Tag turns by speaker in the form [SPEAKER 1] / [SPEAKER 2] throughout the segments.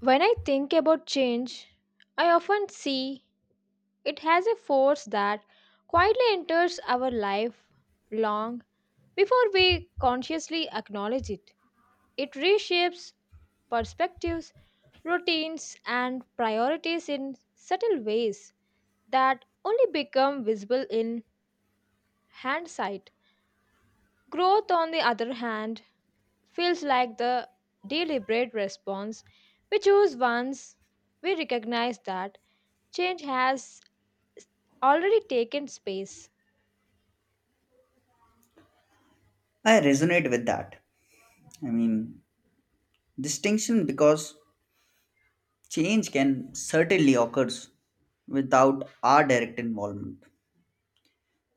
[SPEAKER 1] When I think about change, I often see it has a force that quietly enters our life long before we consciously acknowledge it. It reshapes perspectives, routines, and priorities in subtle ways that only become visible in hindsight. Growth, on the other hand, feels like the deliberate response we choose once we recognize that change has already taken space.
[SPEAKER 2] I resonate with that. I mean, Distinction because change can certainly occurs without our direct involvement,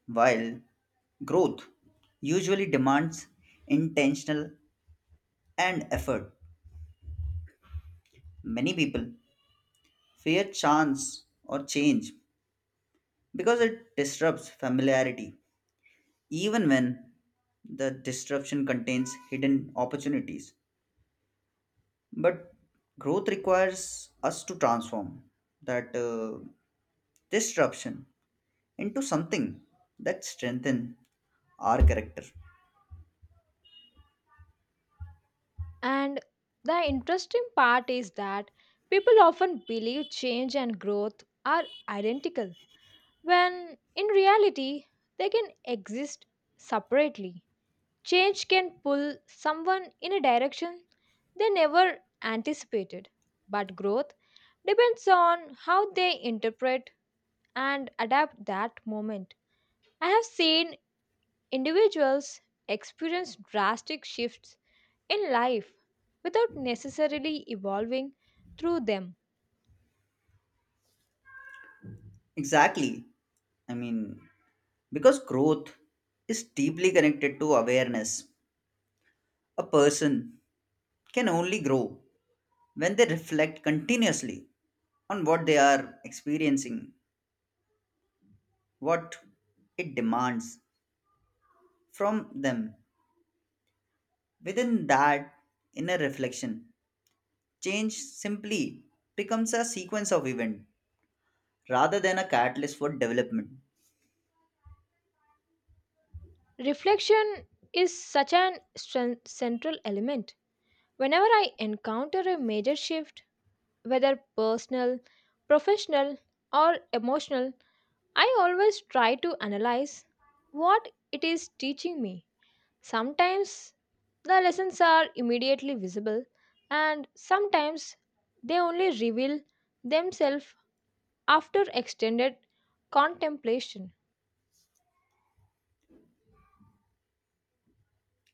[SPEAKER 2] while growth usually demands intentional and effort. Many people fear chance or change because it disrupts familiarity, even when the disruption contains hidden opportunities. But growth requires us to transform that disruption into something that strengthen our character.
[SPEAKER 1] And the interesting part is that people often believe change and growth are identical, when in reality, they can exist separately. Change can pull someone in a direction they never anticipated, but growth depends on how they interpret and adapt that moment. I have seen individuals experience drastic shifts in life without necessarily evolving through them.
[SPEAKER 2] Exactly. I mean, because growth is deeply connected to awareness. A person can only grow when they reflect continuously on what they are experiencing, what it demands from them. Within that inner reflection, change simply becomes a sequence of events rather than a catalyst for development.
[SPEAKER 1] Reflection is such an central element. Whenever I encounter a major shift, whether personal, professional, or emotional, I always try to analyze what it is teaching me. Sometimes the lessons are immediately visible, and sometimes they only reveal themselves after extended contemplation.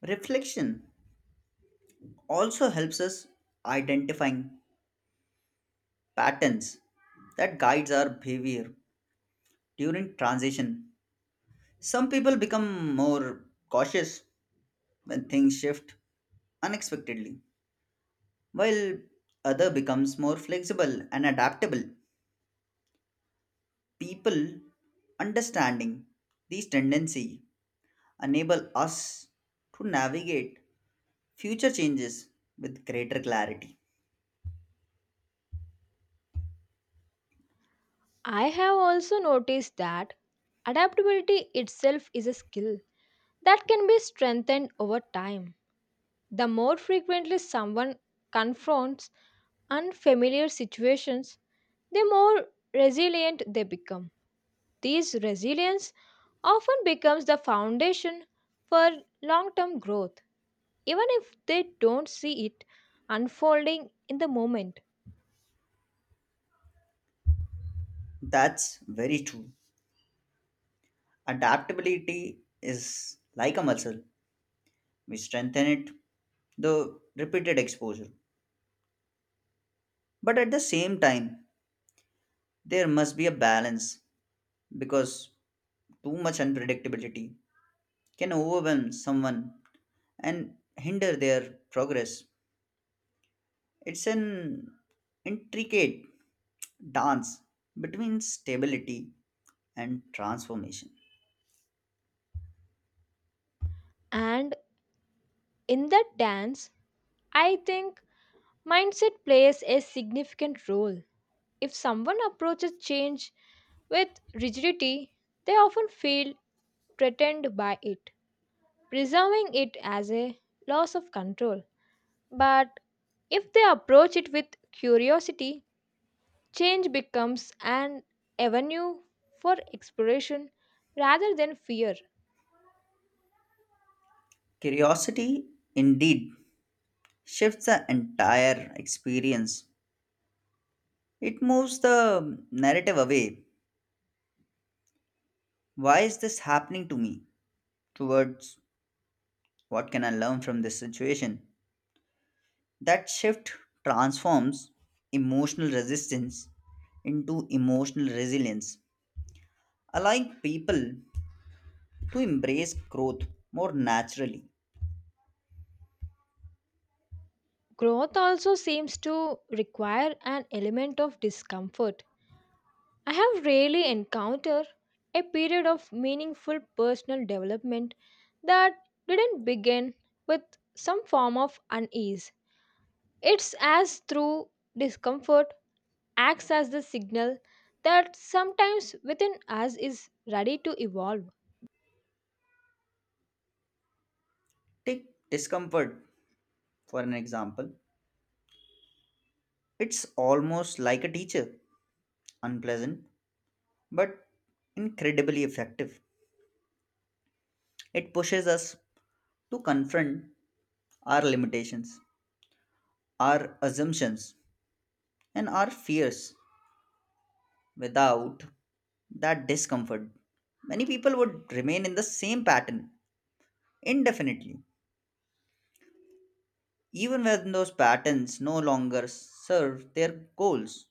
[SPEAKER 2] Reflection also helps us identifying patterns that guides our behavior during transition. Some people become more cautious when things shift unexpectedly, while other becomes more flexible and adaptable. People understanding these tendency enable us to navigate future changes with greater clarity.
[SPEAKER 1] I have also noticed that adaptability itself is a skill that can be strengthened over time. The more frequently someone confronts unfamiliar situations, the more resilient they become. This resilience often becomes the foundation for long term growth, even if they don't see it unfolding in the moment.
[SPEAKER 2] That's very true. Adaptability is like a muscle. We strengthen it the repeated exposure. But at the same time, there must be a balance because too much unpredictability can overwhelm someone and hinder their progress. It's an intricate dance between stability and transformation.
[SPEAKER 1] And in that dance, I think mindset plays a significant role. If someone approaches change with rigidity, they often feel threatened by it, preserving it as a loss of control. But if they approach it with curiosity, change becomes an avenue for exploration rather than fear.
[SPEAKER 2] Curiosity indeed shifts the entire experience. It moves the narrative away. Why is this happening to me? Towards what can I learn from this situation? That shift transforms emotional resistance into emotional resilience, allowing people to embrace growth more naturally.
[SPEAKER 1] Growth also seems to require an element of discomfort. I have rarely encountered a period of meaningful personal development that didn't begin with some form of unease. It's as through discomfort acts as the signal that sometimes within us is ready to evolve.
[SPEAKER 2] Take discomfort for an example. It's almost like a teacher, unpleasant, but incredibly effective. It pushes us to confront our limitations, our assumptions, and our fears. Without that discomfort, many people would remain in the same pattern indefinitely, even when those patterns no longer serve their goals.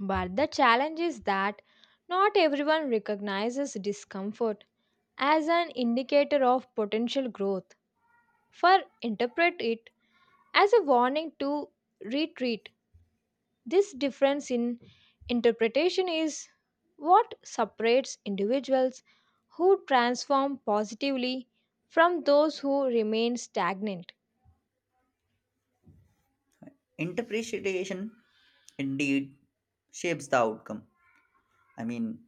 [SPEAKER 1] But the challenge is that not everyone recognizes discomfort as an indicator of potential growth, for interpret it as a warning to retreat. This difference in interpretation is what separates individuals who transform positively from those who remain stagnant.
[SPEAKER 2] Interpretation indeed shapes the outcome. I mean,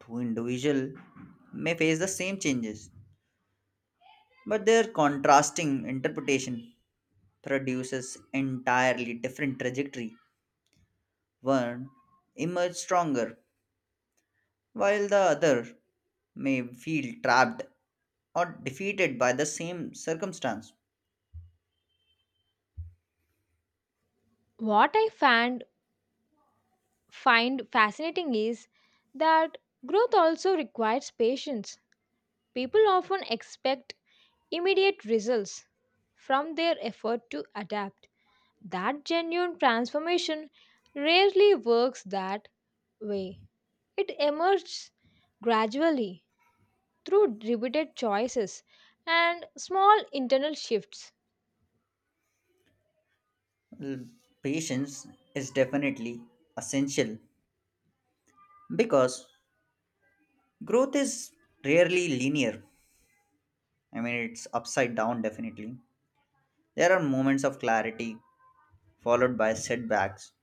[SPEAKER 2] Two individuals may face the same changes, but their contrasting interpretation produces entirely different trajectory. One emerge stronger while the other may feel trapped or defeated by the same circumstance.
[SPEAKER 1] What I find fascinating is that growth also requires patience. People often expect immediate results from their effort to adapt. That genuine transformation rarely works that way. It emerges gradually through repeated choices and small internal shifts.
[SPEAKER 2] Well, patience is definitely essential because growth is rarely linear. I mean, it's upside down, definitely. There are moments of clarity followed by setbacks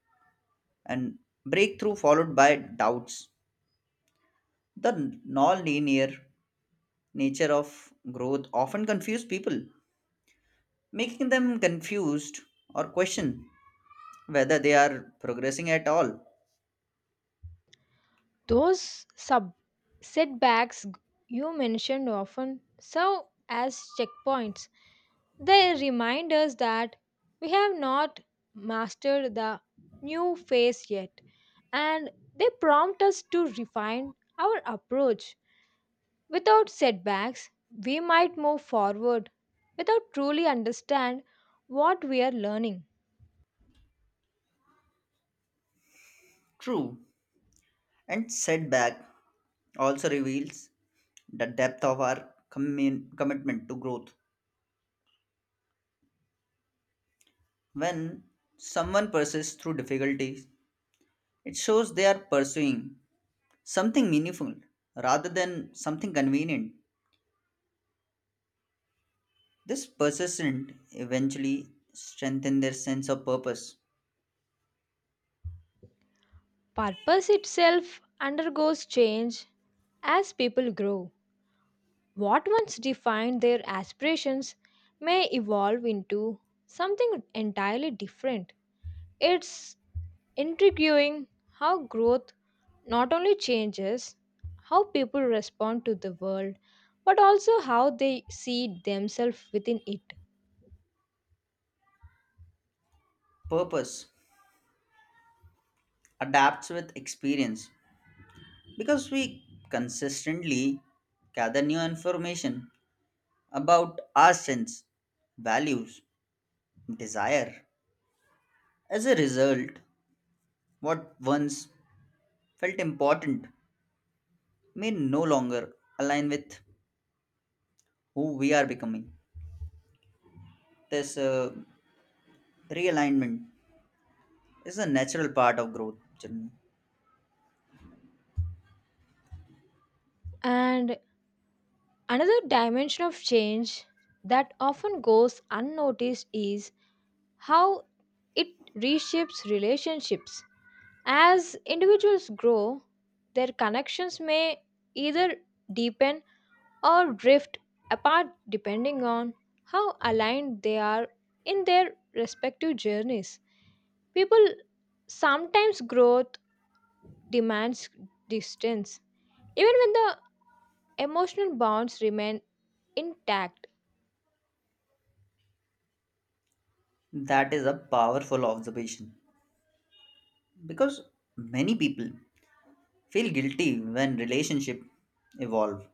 [SPEAKER 2] and breakthrough followed by doubts. The non linear nature of growth often confuses people, making them confused or question whether they are progressing at all.
[SPEAKER 1] Those setbacks g- you mentioned often serve as checkpoints. They remind us that we have not mastered the new phase yet, and they prompt us to refine our approach. Without setbacks, we might move forward without truly understand what we are learning.
[SPEAKER 2] True, and setback also reveals the depth of our commitment to growth. When someone persists through difficulties, it shows they are pursuing something meaningful rather than something convenient. This persistence eventually strengthens their sense of purpose.
[SPEAKER 1] Purpose itself undergoes change as people grow. What once defined their aspirations may evolve into something entirely different. It's intriguing how growth not only changes how people respond to the world, but also how they see themselves within it.
[SPEAKER 2] Purpose adapts with experience because we consistently gather new information about our sense, values, desire. As a result, what once felt important may no longer align with who we are becoming. This realignment is a natural part of growth. Journey.
[SPEAKER 1] And another dimension of change that often goes unnoticed is how it reshapes relationships. As individuals grow, their connections may either deepen or drift apart depending on how aligned they are in their respective journeys. People sometimes growth demands distance, even when the emotional bonds remain intact.
[SPEAKER 2] That is a powerful observation because many people feel guilty when relationship evolve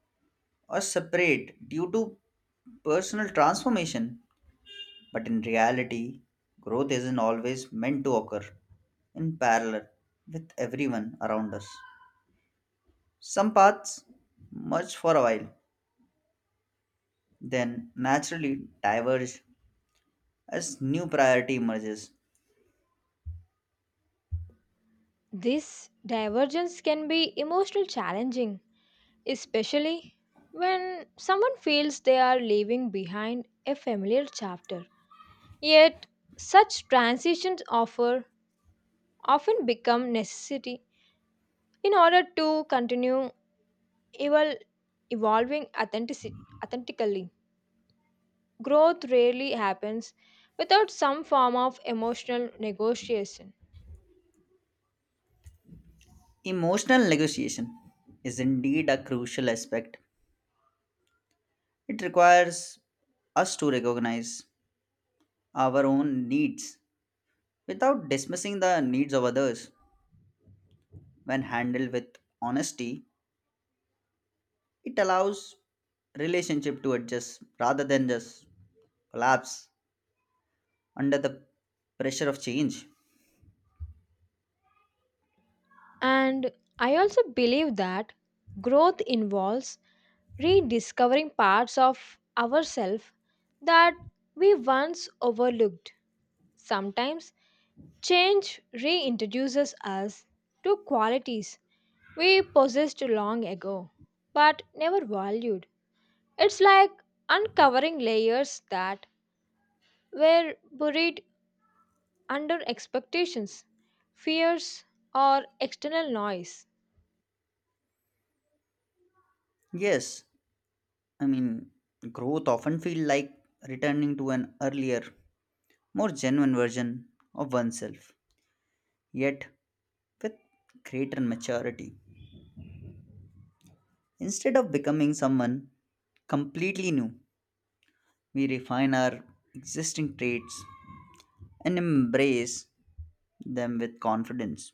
[SPEAKER 2] or separate due to personal transformation. But in reality, growth isn't always meant to occur in parallel with everyone around us. Some paths merge for a while, then naturally diverge as new priority emerges.
[SPEAKER 1] This divergence can be emotional challenging, especially when someone feels they are leaving behind a familiar chapter. Yet, such transitions offer often become necessity in order to continue evol- evolving authentically. Growth rarely happens without some form of emotional negotiation.
[SPEAKER 2] Emotional negotiation is indeed a crucial aspect. It requires us to recognize our own needs without dismissing the needs of others. When handled with honesty, it allows relationship to adjust rather than just collapse under the pressure of change.
[SPEAKER 1] And I also believe that growth involves rediscovering parts of ourselves that we once overlooked. Sometimes change reintroduces us to qualities we possessed long ago but never valued. It's like uncovering layers that were buried under expectations, fears, or external noise.
[SPEAKER 2] Yes, I mean growth often feels like returning to an earlier, more genuine version of oneself, yet with greater maturity. Instead of becoming someone completely new, we refine our existing traits and embrace them with confidence.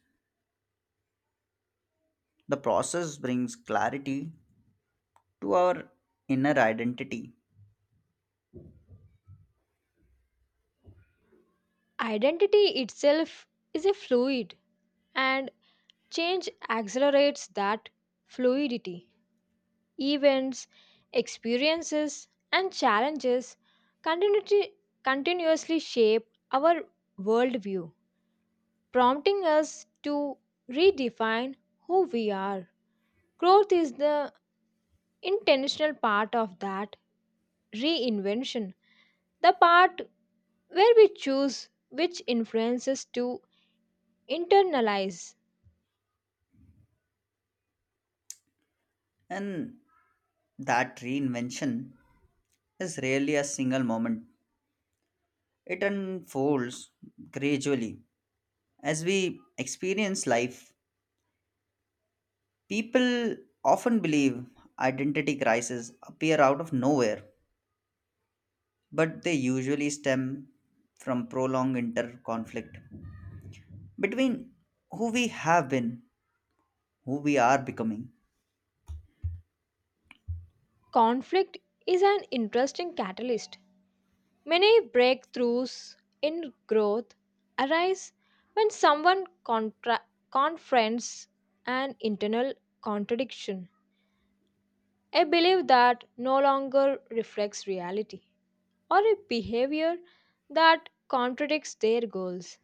[SPEAKER 2] The process brings clarity to our inner identity.
[SPEAKER 1] Identity itself is a fluid, and change accelerates that fluidity. Events, experiences, and challenges continuity- continuously shape our worldview, prompting us to redefine who we are. Growth is the intentional part of that reinvention, the part where we choose which influences to internalize.
[SPEAKER 2] And that reinvention is rarely a single moment, it unfolds gradually. As we experience life, people often believe identity crises appear out of nowhere, but they usually stem from prolonged inter conflict between who we have been, who we are becoming.
[SPEAKER 1] Conflict is an interesting catalyst. Many breakthroughs in growth arise when someone confronts an internal contradiction, a belief that no longer reflects reality, or a behavior that contradicts their goals.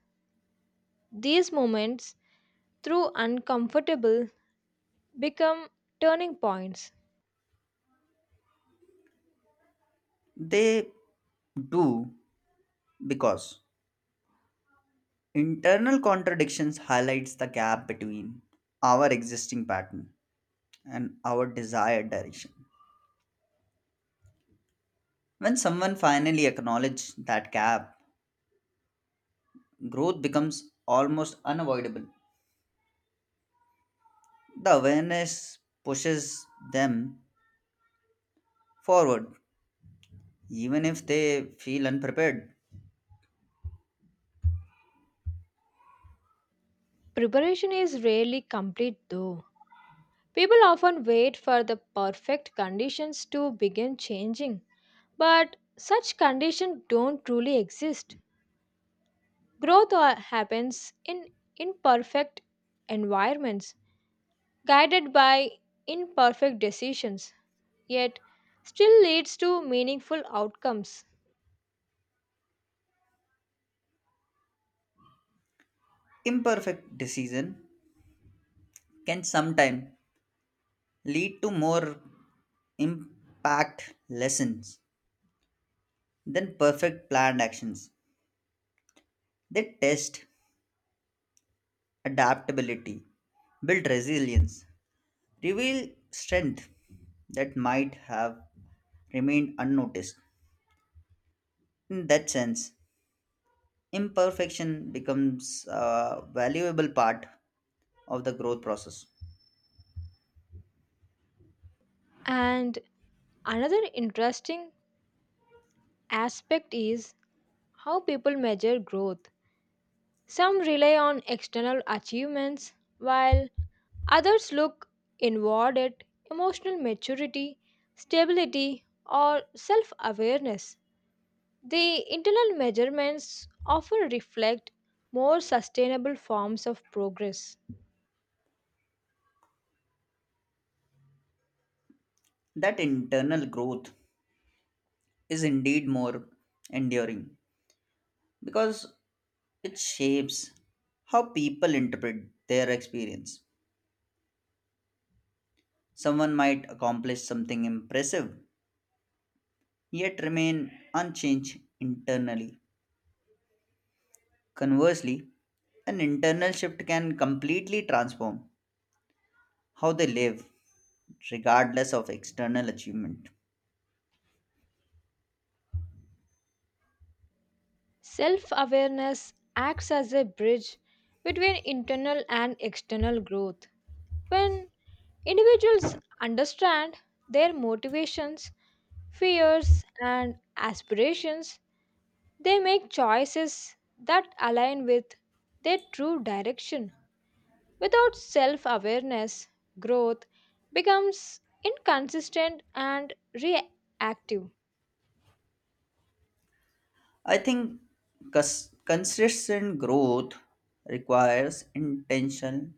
[SPEAKER 1] These moments, through uncomfortable, become turning points.
[SPEAKER 2] They do because internal contradictions highlights the gap between our existing pattern and our desired direction. When someone finally acknowledges that gap, growth becomes almost unavoidable. The awareness pushes them forward even if they feel unprepared.
[SPEAKER 1] Preparation is rarely complete though. People often wait for the perfect conditions to begin changing, but such conditions don't truly exist. Growth happens in imperfect environments, guided by imperfect decisions, yet still leads to meaningful outcomes.
[SPEAKER 2] Imperfect decision can sometimes lead to more impact lessons than perfect planned actions. They test adaptability, build resilience, reveal strength that might have remained unnoticed. In that sense, imperfection becomes a valuable part of the growth process.
[SPEAKER 1] And another interesting aspect is how people measure growth. Some rely on external achievements, while others look inward at emotional maturity, stability, or self awareness. The internal measurements often reflect more sustainable forms of progress.
[SPEAKER 2] That internal growth is indeed more enduring because it shapes how people interpret their experience. Someone might accomplish something impressive yet remain unchanged internally. Conversely, an internal shift can completely transform how they live, regardless of external achievement.
[SPEAKER 1] Self awareness acts as a bridge between internal and external growth. When individuals understand their motivations, fears, and aspirations, they make choices that align with their true direction. Without self awareness, growth becomes inconsistent and reactive.
[SPEAKER 2] I think consistent growth requires intentional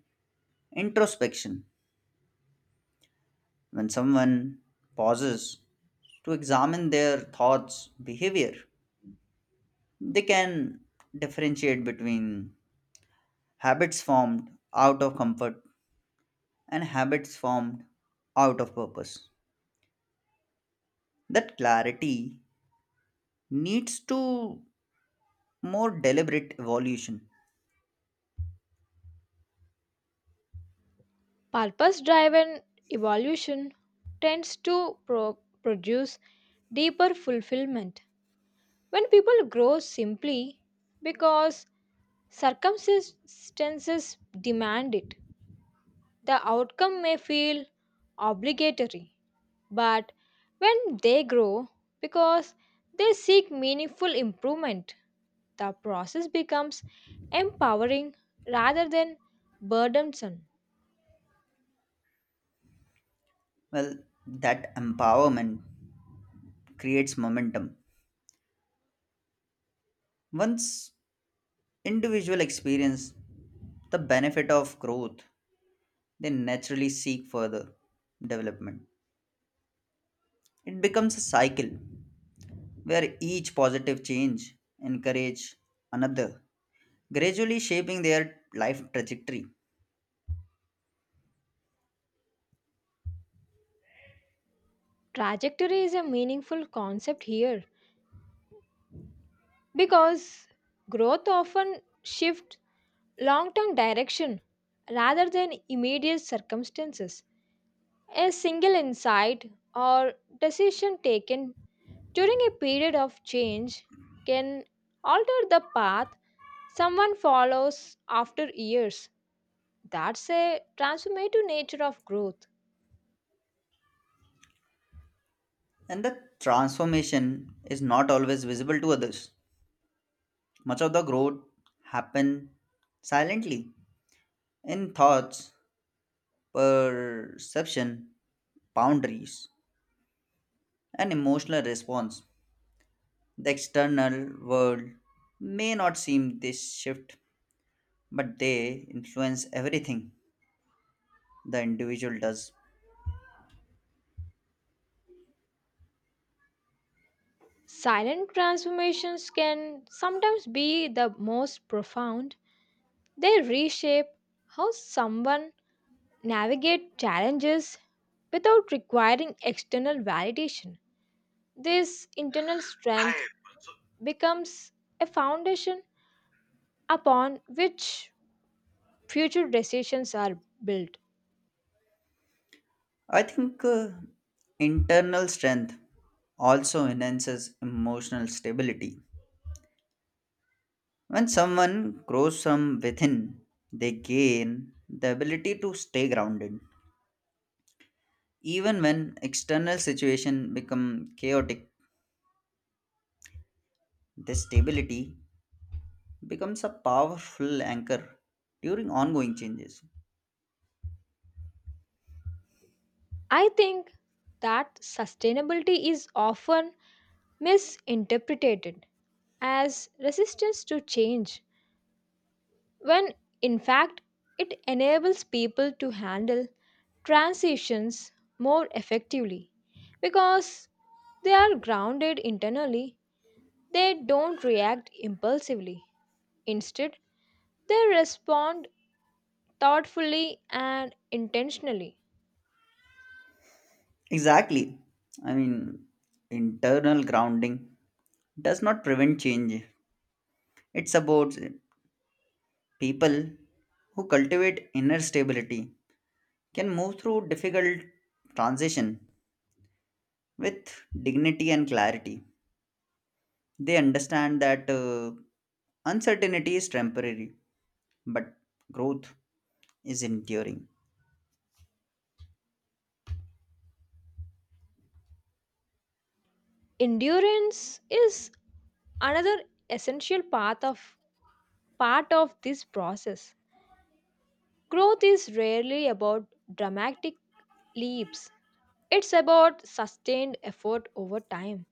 [SPEAKER 2] introspection. When someone pauses to examine their thoughts, behavior, they can differentiate between habits formed out of comfort and habits formed out of purpose. That clarity needs to more deliberate evolution.
[SPEAKER 1] Purpose driven evolution tends to produce deeper fulfillment. When people grow simply because circumstances demand it, the outcome may feel obligatory, but when they grow because they seek meaningful improvement, the process becomes empowering rather than burdensome.
[SPEAKER 2] Well, that empowerment creates momentum. Once individual experience the benefit of growth, they naturally seek further development. It becomes a cycle where each positive change encourage another, gradually shaping their life trajectory.
[SPEAKER 1] Trajectory is a meaningful concept here because growth often shifts long-term direction rather than immediate circumstances. A single insight or decision taken during a period of change can alter the path someone follows after years. That's a transformative nature of growth.
[SPEAKER 2] And the transformation is not always visible to others. Much of the growth happen silently in thoughts, perception, boundaries, and emotional response. The external world may not seem this shift, but they influence everything the individual does.
[SPEAKER 1] Silent transformations can sometimes be the most profound. They reshape how someone navigates challenges without requiring external validation. This internal strength becomes a foundation upon which future decisions are built.
[SPEAKER 2] I think internal strength also enhances emotional stability. When someone grows from within, they gain the ability to stay grounded. Even when external situation become chaotic, this stability becomes a powerful anchor during ongoing changes.
[SPEAKER 1] I think that sustainability is often misinterpreted as resistance to change, when in fact it enables people to handle transitions more effectively because they are grounded internally, they don't react impulsively. Instead, they respond thoughtfully and intentionally.
[SPEAKER 2] Exactly. I mean, Internal grounding does not prevent change, it supports it. People who cultivate inner stability can move through difficult transition with dignity and clarity. They understand that uncertainty is temporary, but growth is enduring.
[SPEAKER 1] Endurance is another essential part of this process. Growth is rarely about dramatic leaps. It's about sustained effort over time.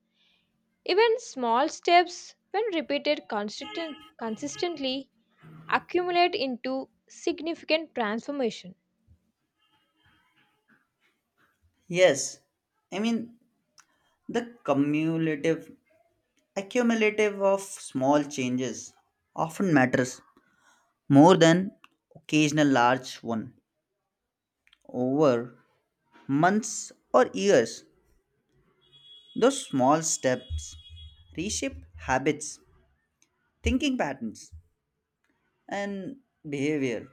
[SPEAKER 1] Even small steps, when repeated consistently, accumulate into significant transformation.
[SPEAKER 2] Yes, I mean the cumulative accumulative of small changes often matters more than occasional large one over months or years. Those small steps reshape habits, thinking patterns, and behavior.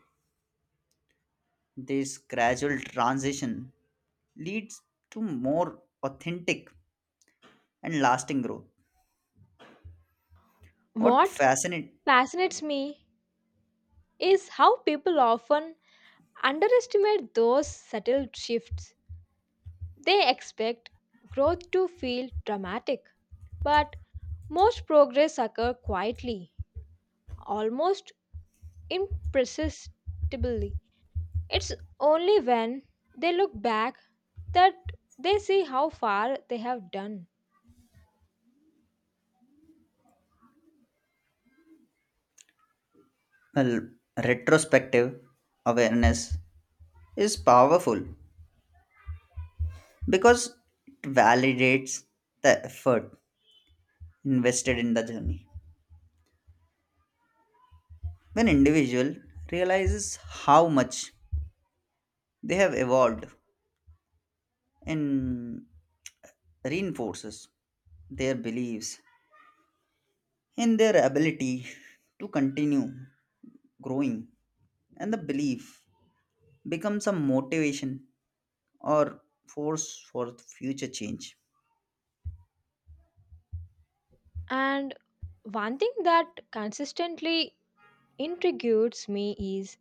[SPEAKER 2] This gradual transition leads to more authentic and lasting growth. What
[SPEAKER 1] What
[SPEAKER 2] fascinates
[SPEAKER 1] fascinates me is how people often underestimate those subtle shifts. They expect growth to feel dramatic, but most progress occurs quietly, almost imperceptibly. It's only when they look back that they see how far they have done.
[SPEAKER 2] Well, retrospective awareness is powerful because it validates the effort invested in the journey. When individual realizes how much they have evolved and reinforces their beliefs in their ability to continue growing and the belief becomes a motivation or force for future change.
[SPEAKER 1] And one thing that consistently intrigues me is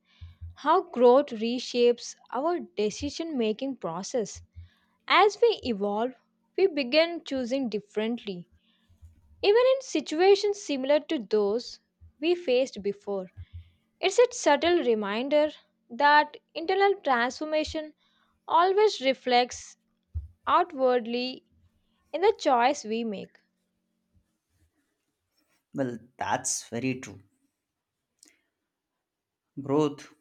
[SPEAKER 1] how growth reshapes our decision making process. As we evolve, we begin choosing differently. Even in situations similar to those we faced before, it's a subtle reminder that internal transformation always reflects outwardly in the choice we make.
[SPEAKER 2] Well, that's very true. Growth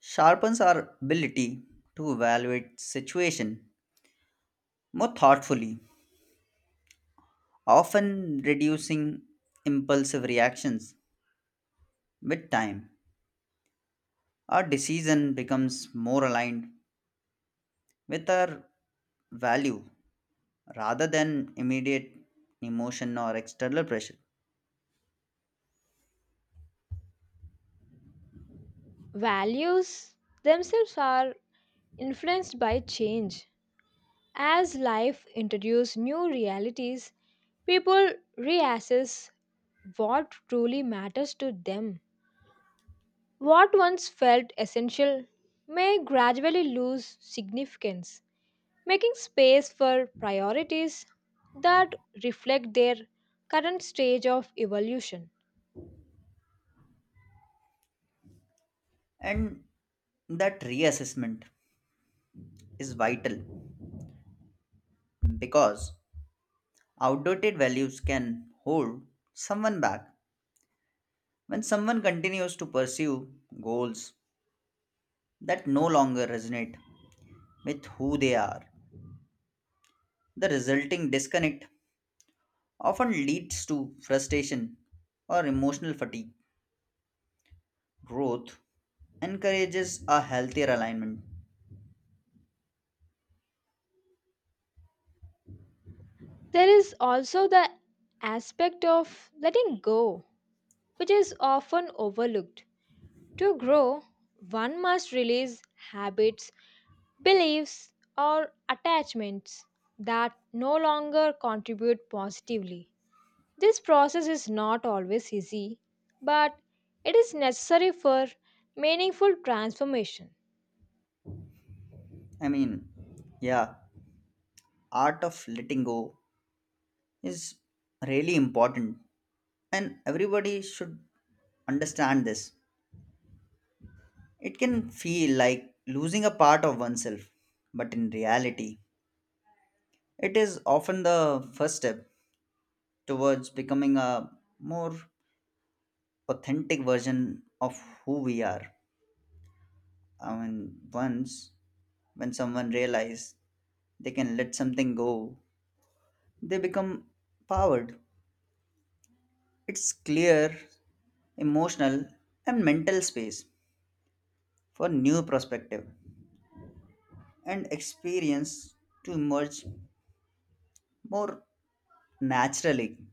[SPEAKER 2] sharpens our ability to evaluate situation more thoughtfully, often reducing impulsive reactions. With time, our decision becomes more aligned with our value rather than immediate emotion or external pressure.
[SPEAKER 1] Values themselves are influenced by change. As life introduces new realities, people reassess what truly matters to them. What once felt essential may gradually lose significance, making space for priorities that reflect their current stage of evolution.
[SPEAKER 2] And that reassessment is vital because outdated values can hold someone back when someone continues to pursue goals that no longer resonate with who they are. The resulting disconnect often leads to frustration or emotional fatigue. Growth encourages a healthier alignment.
[SPEAKER 1] There is also the aspect of letting go, which is often overlooked. To grow, one must release habits, beliefs, or attachments that no longer contribute positively. This process is not always easy, but it is necessary for meaningful transformation.
[SPEAKER 2] I mean, yeah, art of letting go is really important and everybody should understand this. It can feel like losing a part of oneself, but in reality, it is often the first step towards becoming a more authentic version of who we are. Once when someone realize they can let something go, they become powered. It's clear, emotional, and mental space for new perspective and experience to emerge more naturally.